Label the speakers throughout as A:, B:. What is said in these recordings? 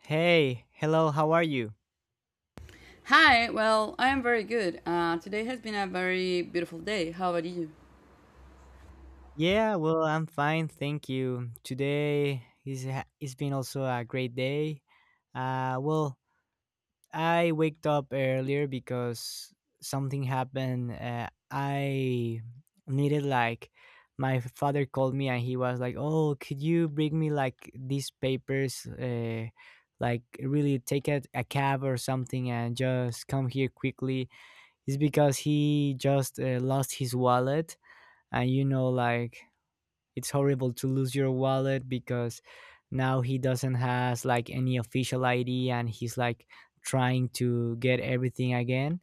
A: Hey, hello, how are you?
B: Hi, well, I am very good. Today has been a very beautiful day. How about you?
A: Yeah, well, I'm fine, thank you. Today it's been also a great day. Uh, well, I waked up earlier because something happened. I needed like My father called me and he was like, "Oh, could you bring me like these papers? Like really take a cab or something and just come here quickly." It's because he just lost his wallet, and you know like it's horrible to lose your wallet because now he doesn't has like any official id, and he's like trying to get everything again.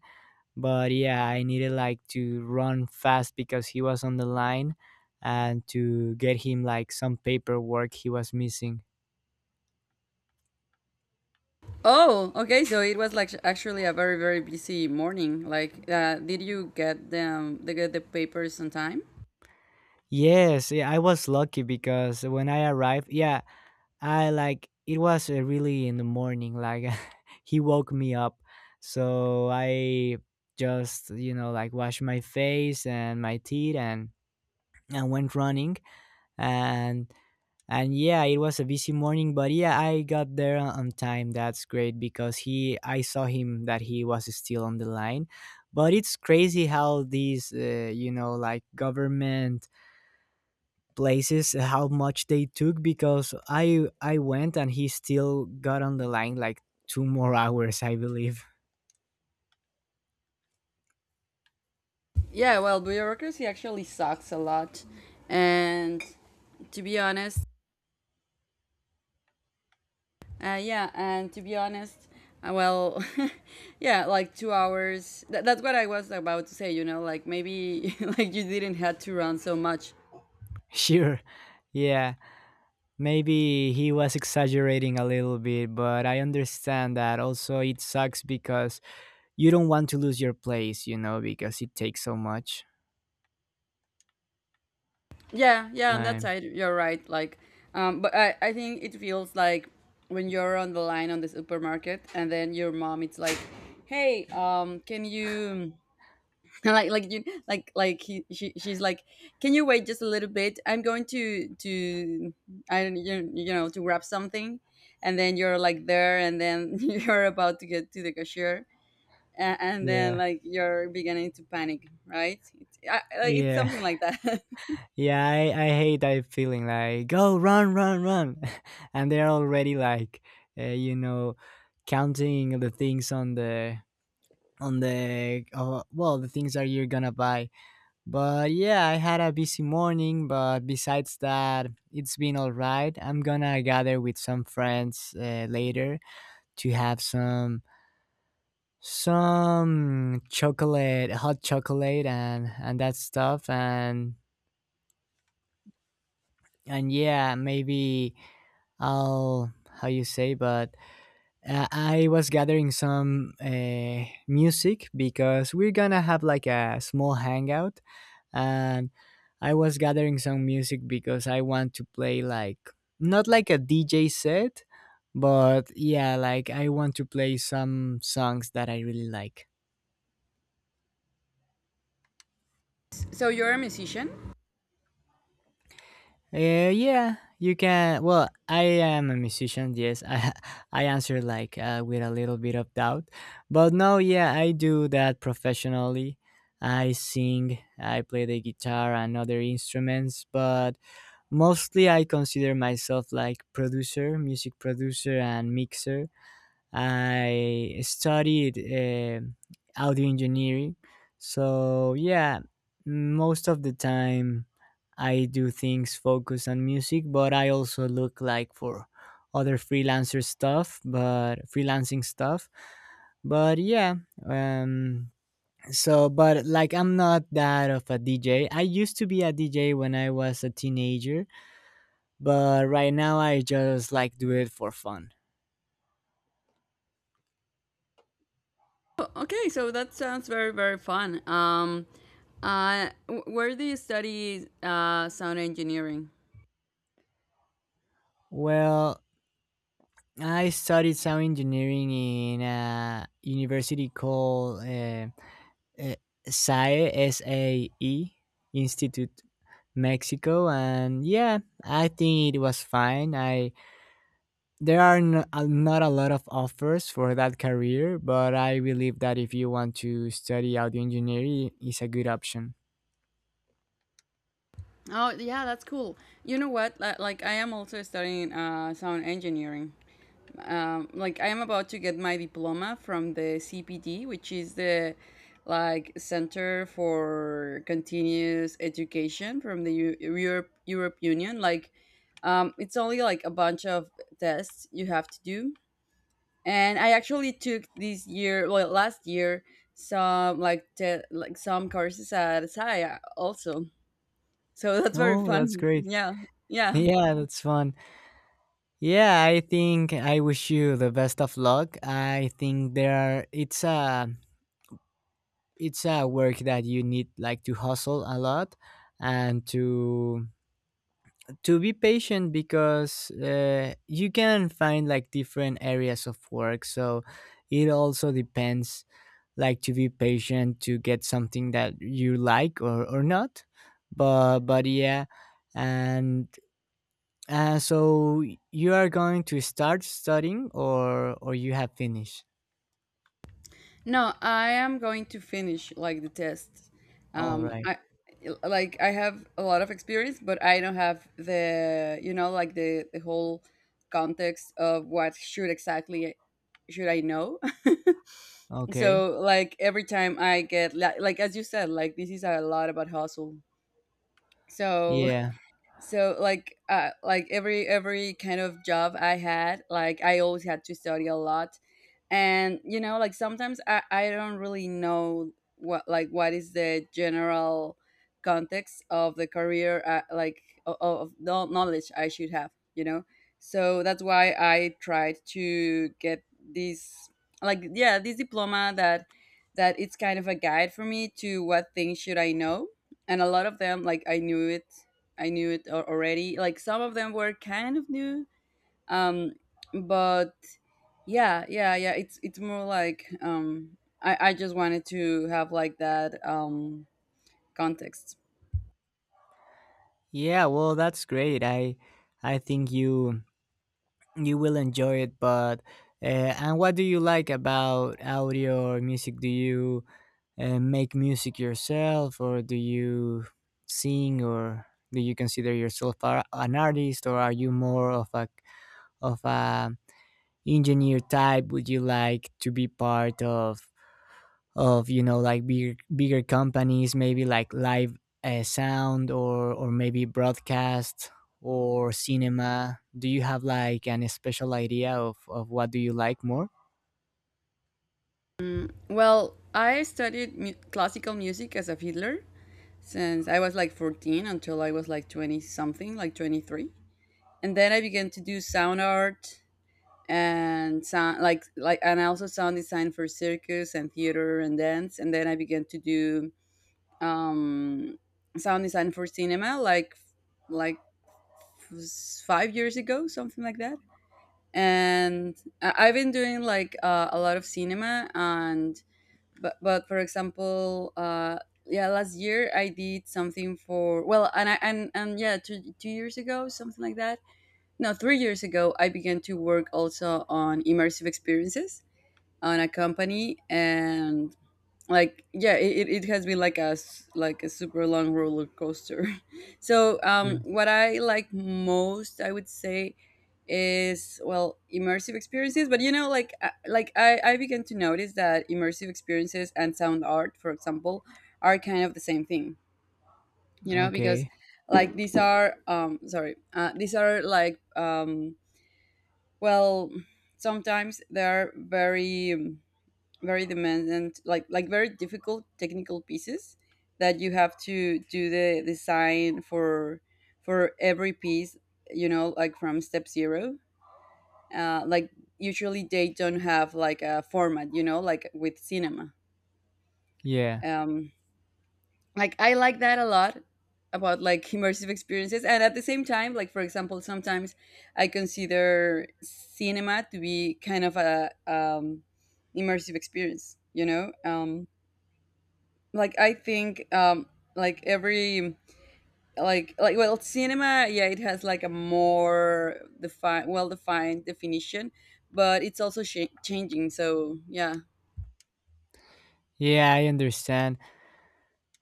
A: But yeah, I needed like to run fast because he was on the line, and to get him like some paperwork he was missing.
B: Oh, okay, so it was like actually a very, very busy morning. Like, did you get them, they get the papers on time?
A: Yes yeah, I was lucky because when I arrived, yeah, I, like, it was really in the morning. Like, he woke me up, so I just like washed my face and my teeth and went running, and yeah, it was a busy morning, but yeah, I got there on time. That's great, because he, I saw him that he was still on the line. But it's crazy how these like government places, how much they took, because I went and he still got on the line like 2 more hours, I believe.
B: Yeah, well, bureaucracy actually sucks a lot. And to be honest, yeah, and to be honest, well, yeah, like 2 hours. That's what I was about to say, like maybe like you didn't have to run so much.
A: Sure. Yeah, maybe he was exaggerating a little bit, but I understand that also it sucks because you don't want to lose your place, you know, because it takes so much
B: Yeah, yeah, on that
A: time.
B: side, you're right. Like, but I think it feels like when you're on the line on the supermarket and then your mom, it's like, hey, can you, like you, like he, she, she's like, can you wait just a little bit? I'm going to, I don't, you know, to grab something, and then you're like there, and then you're about to get to the cashier. And then,
A: Yeah.
B: like you're beginning to panic, right? It's
A: Yeah.
B: something like that.
A: Yeah, I, I hate that feeling, like, go run, run, run. And they're already like, uh, you know, counting the things on on the things that you're gonna buy. But yeah, I had a busy morning, but besides that, it's been all right. I'm gonna gather with some friends later to have some chocolate hot chocolate and that stuff, and yeah, maybe I'll, how you say, but I was gathering some music because we're gonna have like a small hangout, and I was gathering some music because I want to play, like, not like a DJ set, but yeah, like I want to play some songs that I really like.
B: So you're a musician.
A: I am a musician. Yes, I I answer like with a little bit of doubt, but no, yeah, I do that professionally. I sing, I play the guitar and other instruments, but mostly I consider myself like producer, music producer, and mixer. I studied audio engineering. So, yeah, most of the time I do things focused on music, but I also look like for other freelancer stuff, but freelancing stuff. But yeah, um, but like I'm not that of a DJ. I used to be a DJ when I was a teenager, but right now I just like do it for fun.
B: Oh, okay, so that sounds very, very fun. Where do you study sound engineering?
A: Well, I studied sound engineering in a university called uh, SAE, SAE, Institute Mexico, and yeah, I think it was fine. I There are not a lot of offers for that career, but I believe that if you want to study audio engineering, it's a good option.
B: Oh, yeah, that's cool. You know what? Like, I am also studying sound engineering. Like, I am about to get my diploma from the CPD, which is the like Center for Continuous Education from the Europe Union. Like, it's only like a bunch of tests you have to do, and I actually took this year, well, last year, like some courses at SIA also. So that's very
A: Oh, that's
B: fun.
A: great!
B: Yeah, yeah.
A: Yeah, that's fun. Yeah, I think I wish you the best of luck. I think there it's a work that you need like to hustle a lot and to be patient because you can find like different areas of work. So it also depends, like, to be patient to get something that you like, or not. But yeah, and so you are going to start studying, or you have finished?
B: No, I am going to finish like the test.
A: All right.
B: I like I have a lot of experience, but I don't have the you know like the whole context of what should I know.
A: Okay.
B: So like every time I get like as you said, like this is a lot about hustle, so
A: Yeah.
B: so like every kind of job I had, like I always had to study a lot. And you know, like sometimes I don't really know what is the general context of the career, of the knowledge I should have, you know. So that's why I tried to get this, this diploma that it's kind of a guide for me to what things should I know. And a lot of them, like I knew it, already. Like some of them were kind of new. um but yeah, yeah, yeah, it's more like, I just wanted to have like that, context.
A: Yeah. Well, that's great. I think you, you will enjoy it. But uh, and what do you like about audio or music? Do you make music yourself, or do you sing, or do you consider yourself an artist, or are you more of a of a engineer type? Would you like to be part of? Of, you know, like bigger bigger companies, maybe like live sound, or maybe broadcast or cinema? Do you have like an special idea of what do you like more?
B: Well, I studied classical music as a fiddler since I was like 14 until I was like 20, something like 23. And then I began to do sound art and sound like and also sound design for circus and theater and dance. And then I began to do, um sound design for cinema, like was 5 years ago, something like that. And I've been doing like, a lot of cinema, and but for example, yeah, last year I did something for, well, and I and yeah, two years ago, something like that. No, 3 years ago, I began to work also on immersive experiences on a company. And like, yeah, it has been like a a super long roller coaster. So,
A: Sure.
B: what I like most, I would say, is, well, immersive experiences. But I began to notice that immersive experiences and sound art, for example, are kind of the same thing, you know. Because
A: Okay.
B: like, these are like, well, sometimes they are very, very demanding, like, very difficult technical pieces that you have to do the design for every piece, you know. Like from step zero, like usually they don't have like a format, you know, like with cinema.
A: Yeah.
B: um, like, I like that a lot about like immersive experiences, and at the same time, like for example, sometimes I consider cinema to be kind of a, immersive experience, you know. um, like, I think, like, every like well, cinema, yeah, it has like a more defined, well defined definition, but it's also changing. So, yeah.
A: Yeah, I understand.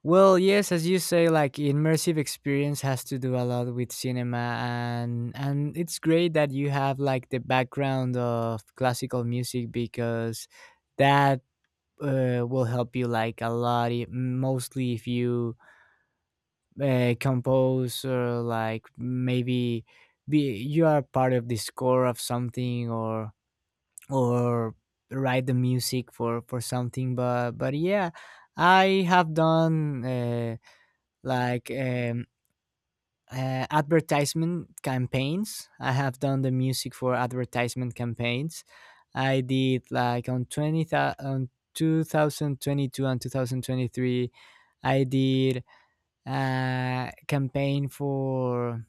A: Well, yes, as you say, like immersive experience has to do a lot with cinema, and it's great that you have like the background of classical music because that will help you like a lot, mostly if you compose, or like maybe be you are part of the score of something, or write the music for something. But yeah, I have done like um advertisement campaigns. I have done the music for advertisement campaigns. I did like on on 2022 and 2023 I did a campaign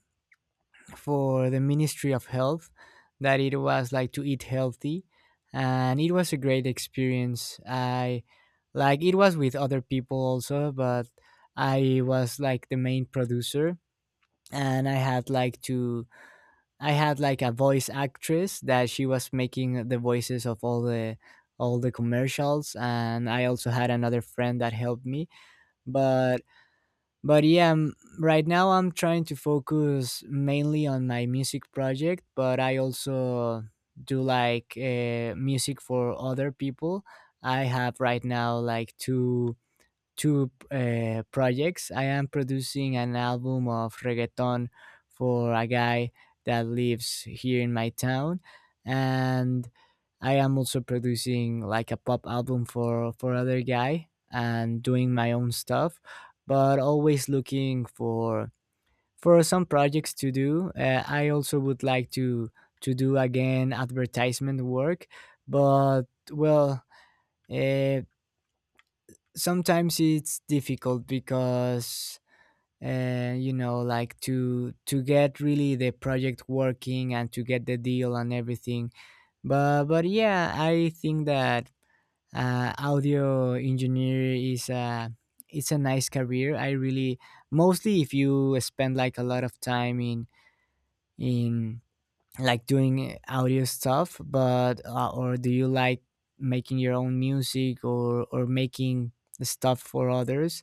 A: for the Ministry of Health that it was like to eat healthy, and it was a great experience. I Like, it was with other people also, but I was like the main producer, and I had like to, I had like a voice actress that she was making the voices of all the, all the commercials, and I also had another friend that helped me. But but yeah m- right now I'm trying to focus mainly on my music project, but I also do like music for other people. I have right now like 2 projects. I am producing an album of reggaeton for a guy that lives here in my town, and I am also producing like a pop album for other guy and doing my own stuff, but always looking for some projects to do. I also would like to do again advertisement work, but well. Uh, Sometimes it's difficult because you know like to get really the project working and to get the deal and everything. But yeah, I think that audio engineer is a it's a nice career, I really, mostly if you spend like a lot of time in in like doing audio stuff, but or do you like making your own music, or making the stuff for others.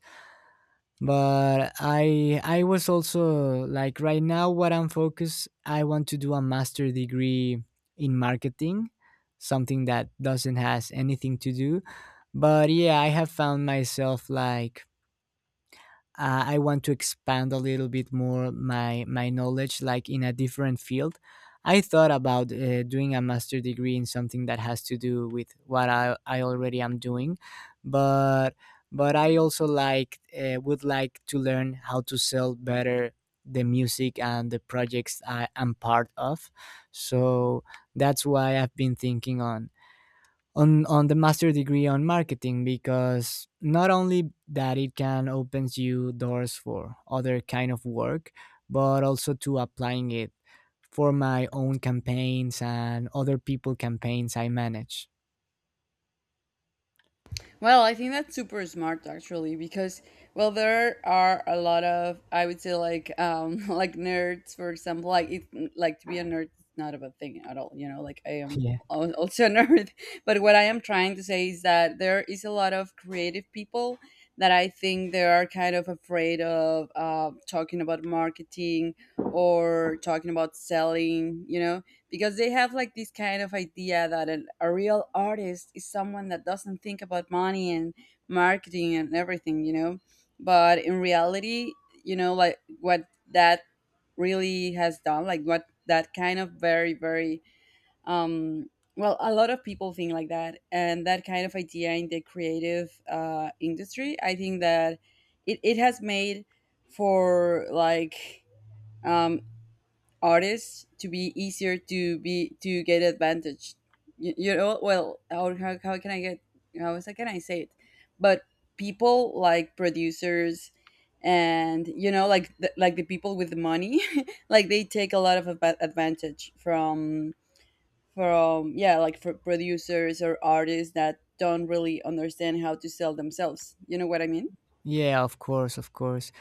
A: But I was also like, right now, what I'm focused, I want to do a master degree in marketing, something that doesn't has anything to do. But yeah, I have found myself like I want to expand a little bit more my my knowledge, like in a different field. I thought about doing a master degree in something that has to do with what I already am doing, but but I also like would like to learn how to sell better the music and the projects I am part of. So that's why I've been thinking on on the master degree on marketing because not only that it can opens you doors for other kind of work, but also to applying it for my own campaigns and other people campaigns I manage.
B: Well, I think that's super smart, actually, because, well, there are a lot of, I would say, like, like nerds, for example. Like it, like to be a nerd is not a bad thing at all, you know, like I am
A: Yeah,
B: al- also a nerd. But what I am trying to say is that there is a lot of creative people that I think they are kind of afraid of, talking about marketing or talking about selling, you know, because they have like this kind of idea that an, a real artist is someone that doesn't think about money and marketing and everything, you know. But in reality, you know, like what that really has done, like what that kind of very, very, um well, a lot of people think like that. And that kind of idea in the creative industry, I think that it has made for like, um artists to be easier to be, to get advantage. You know, well, how can I get, how is, can I say it, but people like producers, and you know, like the people with the money like they take a lot of advantage from, yeah, like for producers or artists that don't really understand how to sell themselves, you know what I mean.
A: yeah, of course, of course.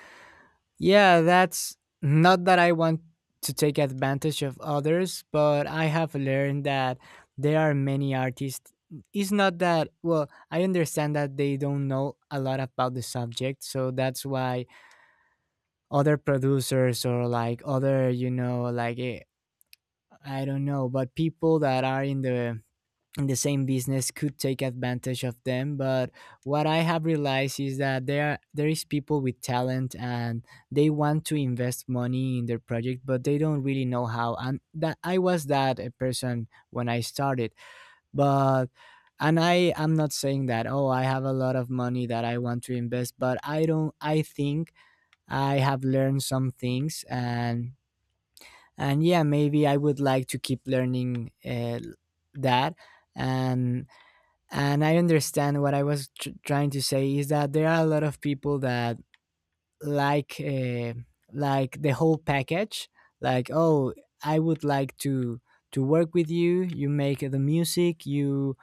A: Yeah, that's not that I want to take advantage of others, but I have learned that there are many artists. It's not that, well, I understand that they don't know a lot about the subject. So that's why other producers, or like other, you know, like, eh, I don't know, but people that are in the same business could take advantage of them. But what I have realized is that there is people with talent and they want to invest money in their project, but they don't really know how, and that, I was that a person when I started. But and I am not saying that, oh, I have a lot of money that I want to invest, but I don't. I think I have learned some things and yeah, maybe I would like to keep learning, that. and and I understand, what I was trying to say is that there are a lot of people that like, like the whole package. Like, oh, I would like to work with you. You make the music. You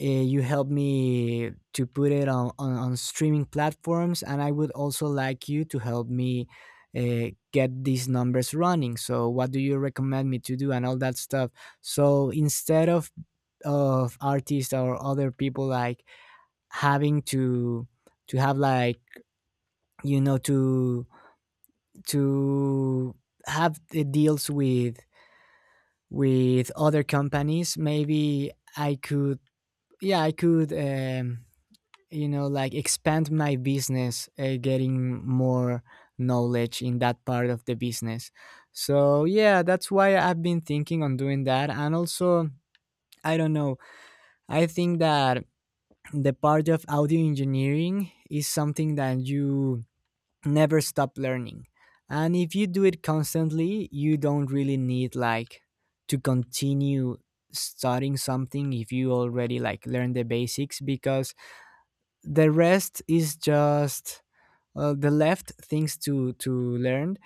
A: you help me to put it on, on streaming platforms, and I would also like you to help me get these numbers running. So, what do you recommend me to do, and all that stuff. So instead of artists or other people like having to have like, you know, to to have the deals with other companies, maybe I could, yeah, I could, you know, like expand my business, getting more knowledge in that part of the business. So yeah, that's why I've been thinking on doing that. And also, I don't know, I think that the part of audio engineering is something that you never stop learning. And if you do it constantly, you don't really need like to continue starting something if you already like learn the basics because the rest is just the left things to learn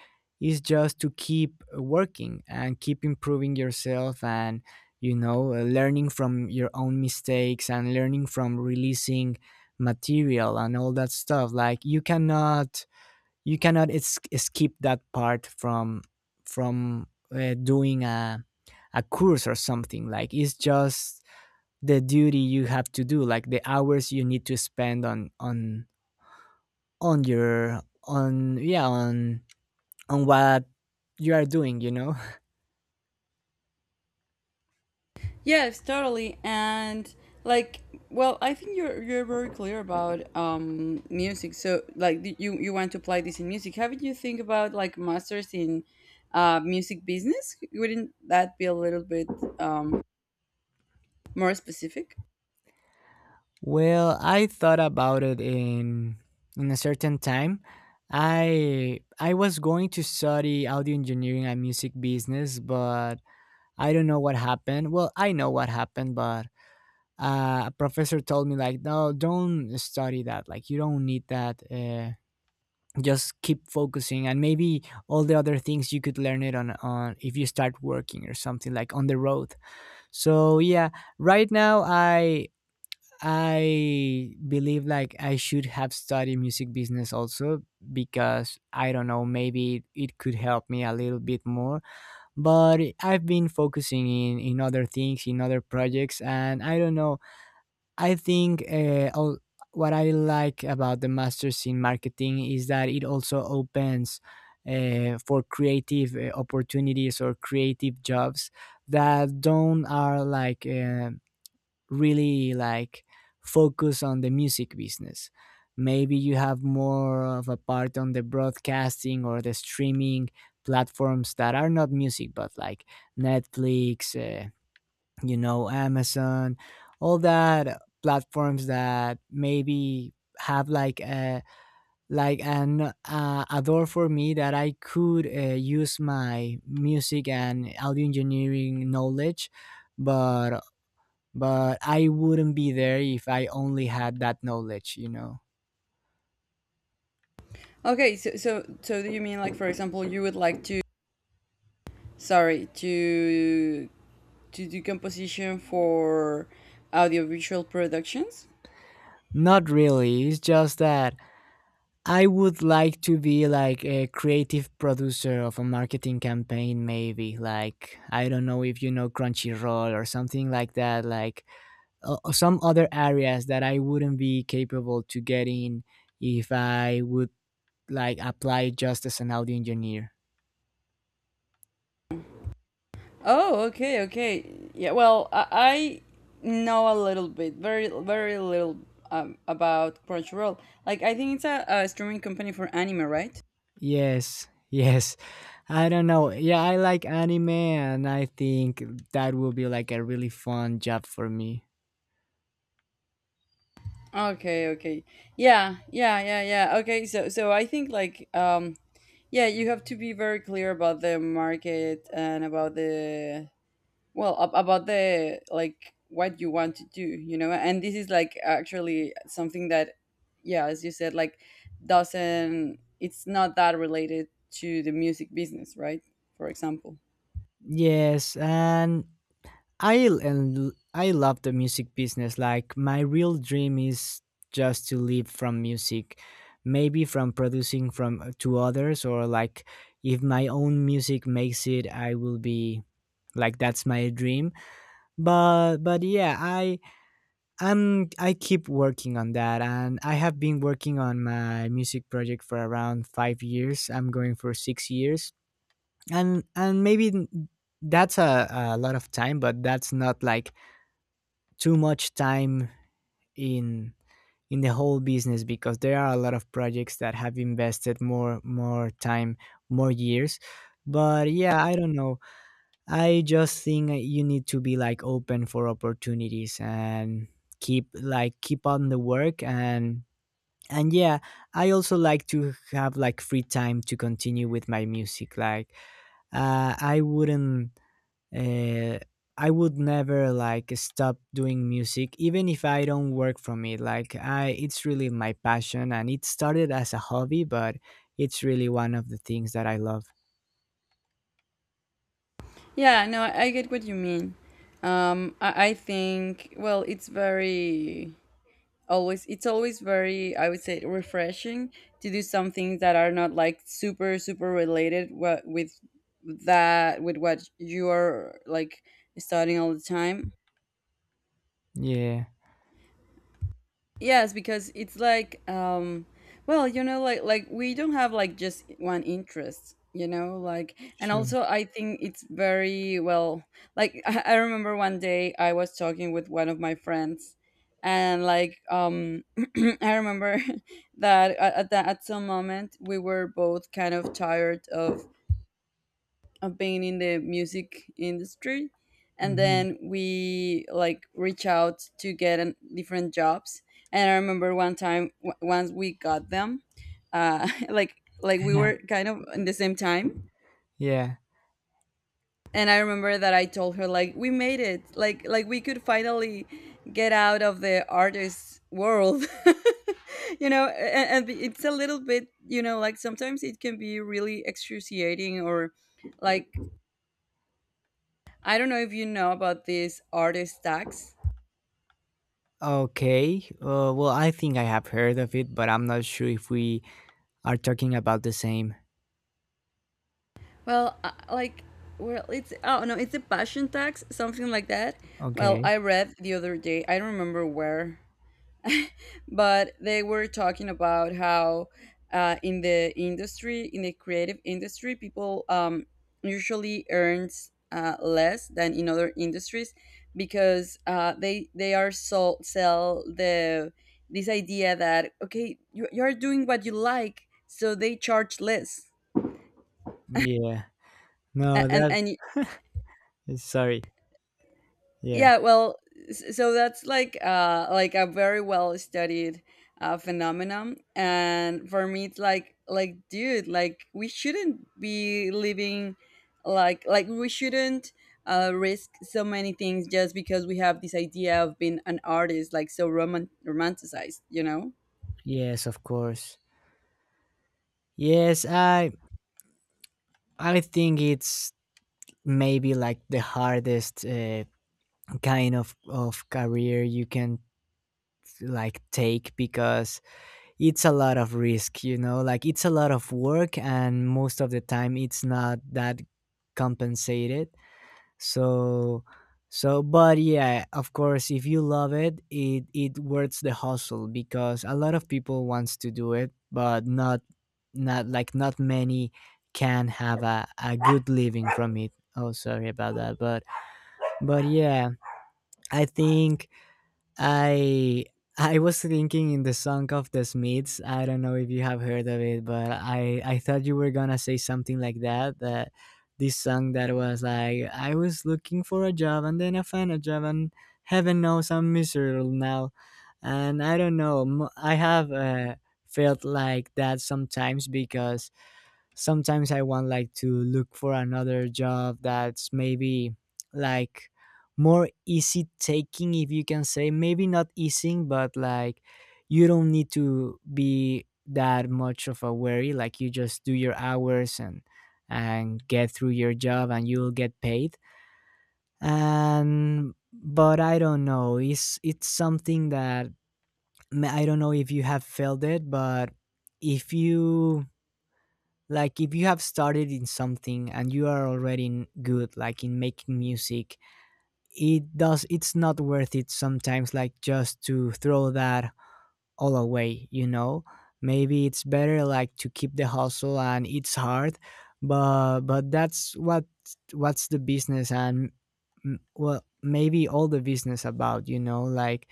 A: is just to keep working and keep improving yourself and learning from your own mistakes and learning from releasing material and all that stuff like you cannot es- skip that part from doing a course or something like it's just the duty you have to do like the hours you need to spend on your on yeah on what you are doing.
B: Yes, totally. And like, well, I think you're very clear about, music. So like, you want to apply this in music. Haven't you think about like masters in music business? Wouldn't that be a little bit, um more specific?
A: Well, I thought about it in a certain time. I was going to study audio engineering and music business, but I don't know what happened. Well, I know what happened, but a professor told me like, no, don't study that, like, you don't need that. Just keep focusing, and maybe all the other things you could learn it on if you start working or something, like on the road. So yeah, right now I believe like I should have studied music business also, because I don't know, maybe it could help me a little bit more. But I've been focusing in other things, in other projects, and I don't know. I think what I like about the masters in marketing is that it also opens for creative opportunities or creative jobs that don't are like really like focus on the music business. Maybe you have more of a part on the broadcasting or the streaming platforms that are not music, but like Netflix. You know, Amazon, all that platforms that maybe have like a like an a door for me that I could use my music and audio engineering knowledge, but but I wouldn't be there if I only had that knowledge, you know.
B: Okay, so so do you mean like, for example, you would like to, sorry, to do composition for audiovisual productions?
A: Not really. It's just that I would like to be like a creative producer of a marketing campaign, maybe. Like, I don't know if you know Crunchyroll or something like that, like some other areas that I wouldn't be capable to get in if I would like apply just as an audio engineer.
B: Oh, okay, okay. Yeah, well, I know a little bit, very, very little, about Crunchyroll. Like, I think it's a, streaming company for anime, right?
A: Yes, yes. I don't know. Yeah, I like anime, and I think that will be like a really fun job for me.
B: Okay, okay. Yeah, yeah, yeah, yeah. Okay, so I think like, yeah, you have to be very clear about the market and about the, like, what you want to do, you know. And this is like actually something that, yeah, as you said, like, doesn't it's not that related to the music business, right? For example.
A: Yes, and and I love the music business. Like my real dream is just to live from music, maybe from producing, from to others, or like if my own music makes it, I will be like, that's my dream. But yeah, I keep working on that, and I have been working on my music project for around 5 years. I'm going for 6 years, and that's a lot of time, but that's not like too much time in in the whole business, because there are a lot of projects that have invested more more time, more years. But yeah, I don't know, I just think that you need to be like open for opportunities and keep like keep on the work, and yeah, I also like to have like free time to continue with my music like. uh, i wouldn't uh, I would never like stop doing music, even if I don't work from it. Like I, it's really my passion, and it started as a hobby, but it's really one of the things that I love.
B: Yeah, no, I I get what you mean. I think, well, it's always very, I would say, refreshing to do something that are not like super, super related what with, that with what you are like studying all the time.
A: Yeah,
B: Yes, because it's like, well, you know, like, we don't have like just one interest, you know. Like, and
A: sure.
B: also I think it's very well, like, I remember one day I was talking with one of my friends. And like, I remember that at, that, at some moment we were both kind of tired of being in the music industry. And
A: Hmm.
B: then we like reach out to get different jobs. And I remember once we got them, uh like we were kind of in the same time.
A: Yeah.
B: And I remember that I told her, like, we made it, like, we could finally get out of the artist world. You know, and it's a little bit, you know, like, sometimes it can be really excruciating or, like, I don't know if you know about this artist tax.
A: Okay. Well, I think I have heard of it, but I'm not sure if we are talking about the same.
B: Well, like, well, it's oh no, it's a passion tax, something like that. Well, I
A: Okay.
B: read the other day, I don't remember where, but they were talking about how, in the creative industry people, usually earns, less than in other industries. Because they are so sell the, this idea that, okay, you're doing what you like, so they charge less.
A: Yeah. No,
B: A- and
A: that.
B: and
A: Sorry. Yeah.
B: yeah, well, so that's like, like a very well studied phenomenon. And for me, it's like, dude, like we shouldn't be living, like we shouldn't risk so many things just because we have this idea of being an artist like so romanticized, you know?
A: Yes, of course. Yes, I think it's maybe like the hardest kind of career you can like take, because it's a lot of risk, you know, like it's a lot of work, and most of the time it's not that compensated. So so but yeah, of course, if you love it, it it worths the hustle, because a lot of people wants to do it, but not not like not many can have a good living from it. Oh, sorry about that, but yeah, I think I I was thinking in the song of the Smiths. I don't know if you have heard of it, but I thought you were gonna say something like that. That this song that was like, I was looking for a job, and then I found a job, and heaven knows I'm miserable now. And I don't know. I have felt like that sometimes, because sometimes I want like to look for another job that's maybe like more easy taking, if you can say, maybe not easy, but like you don't need to be that much of a worry, like you just do your hours and get through your job and you'll get paid. And but I don't know, it's something that I don't know if you have felt it, but if you like if you have started in something and you are already in good like in making music, it does it's not worth it sometimes like just to throw that all away, you know. Maybe it's better like to keep the hustle, and it's hard, but that's what what's the business. And mm, well, maybe all the business about like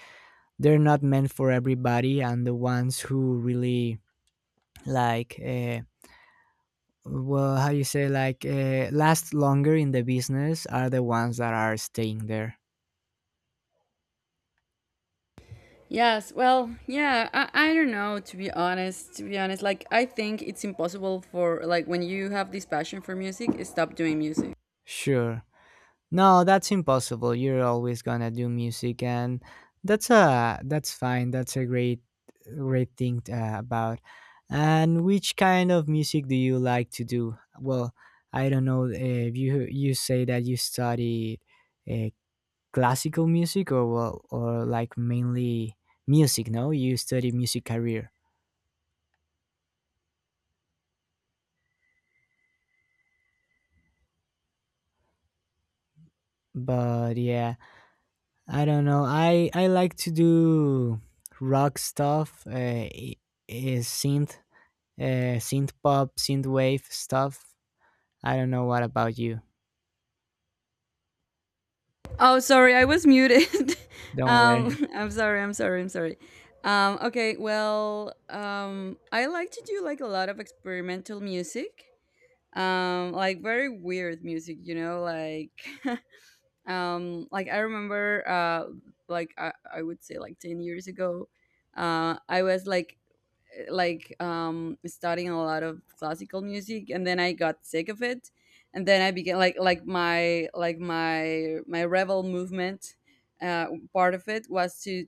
A: they're not meant for everybody, and the ones who really like well, how you say, like last longer in the business are the ones that are staying there.
B: Yes, well, yeah, I don't know, to be honest, like I think it's impossible for, like, when you have this passion for music, stop doing music.
A: Sure. No, that's impossible, you're always gonna do music, and that's a that's fine, that's a great great thing about. And which kind of music do you like to do? Well, I don't know, if you you say that you studied, uh, classical music, or well, or like mainly music. No, you study music career. But yeah, I don't know. I like to do rock stuff, synth, synth pop, synth wave stuff. I don't know what about you.
B: Oh, sorry, I was muted.
A: Don't worry.
B: I'm sorry, I'm sorry, I'm sorry. Okay, well, I like to do like a lot of experimental music, like very weird music, you know, like, like I remember, like I would say like 10 years ago, I was like, studying a lot of classical music. And then I got sick of it, and then I began, like, like my rebel movement. uh Part of it was to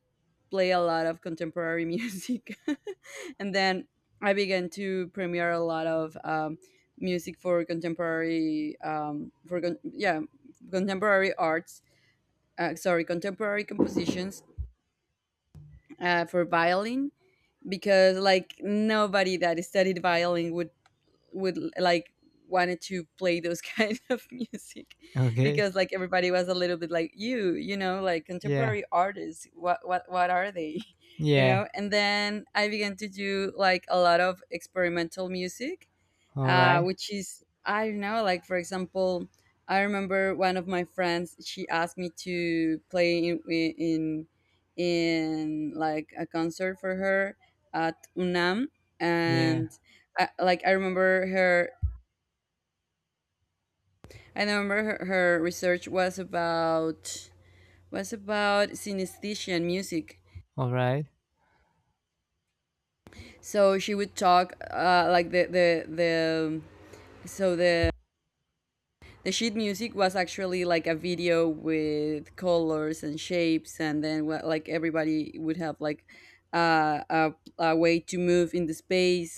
B: play a lot of contemporary music. And then I began to premiere a lot of, music for contemporary, for con- yeah contemporary arts sorry contemporary compositions, for violin, because like nobody that studied violin would, would like wanted to play those kind of music.
A: Okay.
B: Because like everybody was a little bit like, you know, like,
A: Yeah.
B: contemporary artists, what are they, you
A: Yeah.
B: know. And then I began to do like a lot of experimental music,
A: All right.
B: which is, I don't know. Like, for example, I remember one of my friends. She asked me to play in like a concert for her at UNAM.
A: Yeah.
B: And I remember her. I remember her research was about, synesthesia and music.
A: All right.
B: So she would talk, like the so the sheet music was actually like a video with colors and shapes. And then like everybody would have like, uh, a a way to move in the space,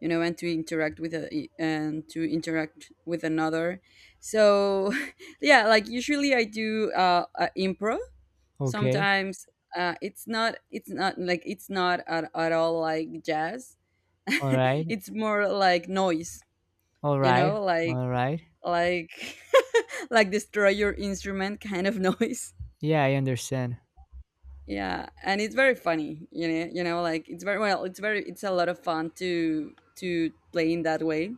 B: you know, and to interact with and to interact with another. So, yeah, like usually I do, improv.
A: Okay.
B: Sometimes, it's not at all like jazz.
A: All right.
B: It's more like noise,
A: All
B: you
A: right.
B: know, like,
A: All right.
B: like like destroy your instrument kind of noise.
A: Yeah, I understand.
B: Yeah, and it's very funny, you know, like it's very well, it's a lot of fun to play in that way.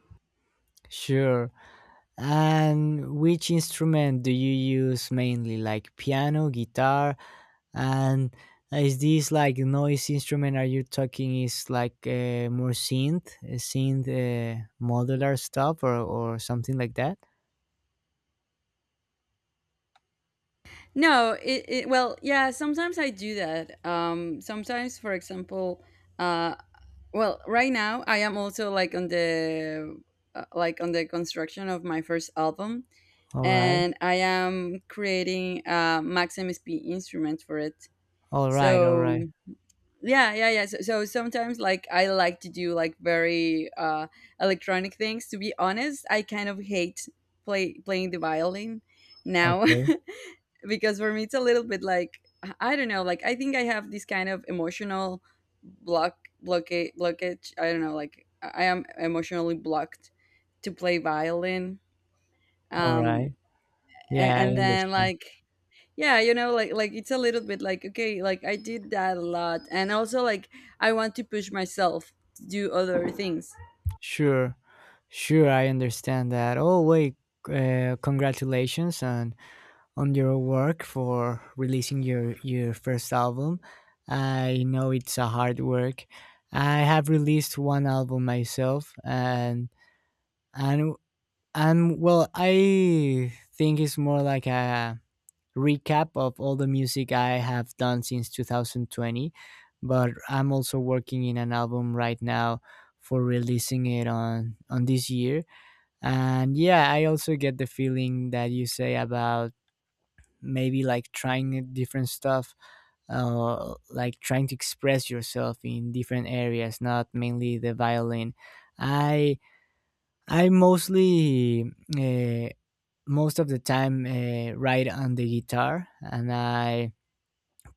A: Sure. And which instrument do you use mainly, like piano, guitar, and is this like noise instrument? Are you talking is like more synth, synth modular stuff, or something like that?
B: No, it, yeah, sometimes I do that, sometimes. For example, uh well, right now I am also like on the, on the construction of my first album.
A: All right,
B: And I am creating a maxim sp instrument for it.
A: all right, all
B: So
A: right.
B: yeah, yeah, yeah. So, sometimes like I like to do like very, electronic things. To be honest, I kind of hate playing the violin now,
A: Okay,
B: because for me it's a little bit like, I don't know, like I think I have this kind of emotional blockage. I don't know, like I am emotionally blocked to play violin.
A: all
B: um
A: right.
B: a-
A: Yeah, I
B: and, then
A: understand.
B: like, yeah, you know, like it's a little bit like, okay, like I did that a lot, and also like I want to push myself to do other things.
A: Sure, sure, I understand that. Oh wait, congratulations on your work for releasing your first album. I know it's a hard work. I have released one album myself, and and well, I think it's more like a recap of all the music I have done since 2020. But I'm also working in an album right now for releasing it on this year. And yeah, I also get the feeling that you say about maybe like trying different stuff, like trying to express yourself in different areas, not mainly the violin. I i mostly uh, most of the time write on the guitar, and I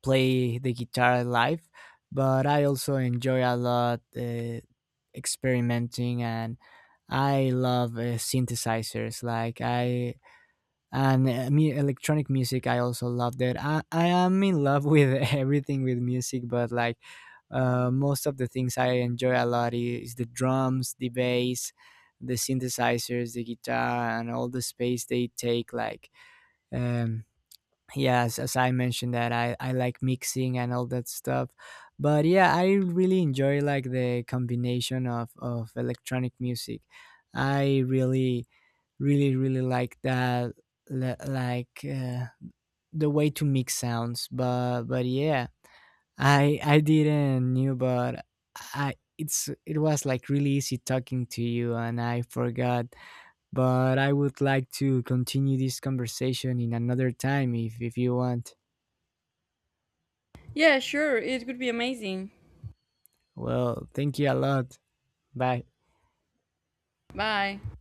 A: play the guitar live, but I also enjoy a lot experimenting, and I love synthesizers, like electronic music, I also love that. I am in love with everything with music, but like most of the things I enjoy a lot is the drums, the bass, the synthesizers, the guitar, and all the space they take, like um, yeah, as I mentioned that I like mixing and all that stuff. But yeah, I really enjoy like the combination of electronic music. I really really really like that. li- like uh, the way to mix sounds, but yeah, I didn't knew, but I it's it was like really easy talking to you, and I forgot, but I would like to continue this conversation in another time if you want.
B: Yeah, sure, it would be amazing.
A: Well, thank you a lot. Bye.
B: Bye.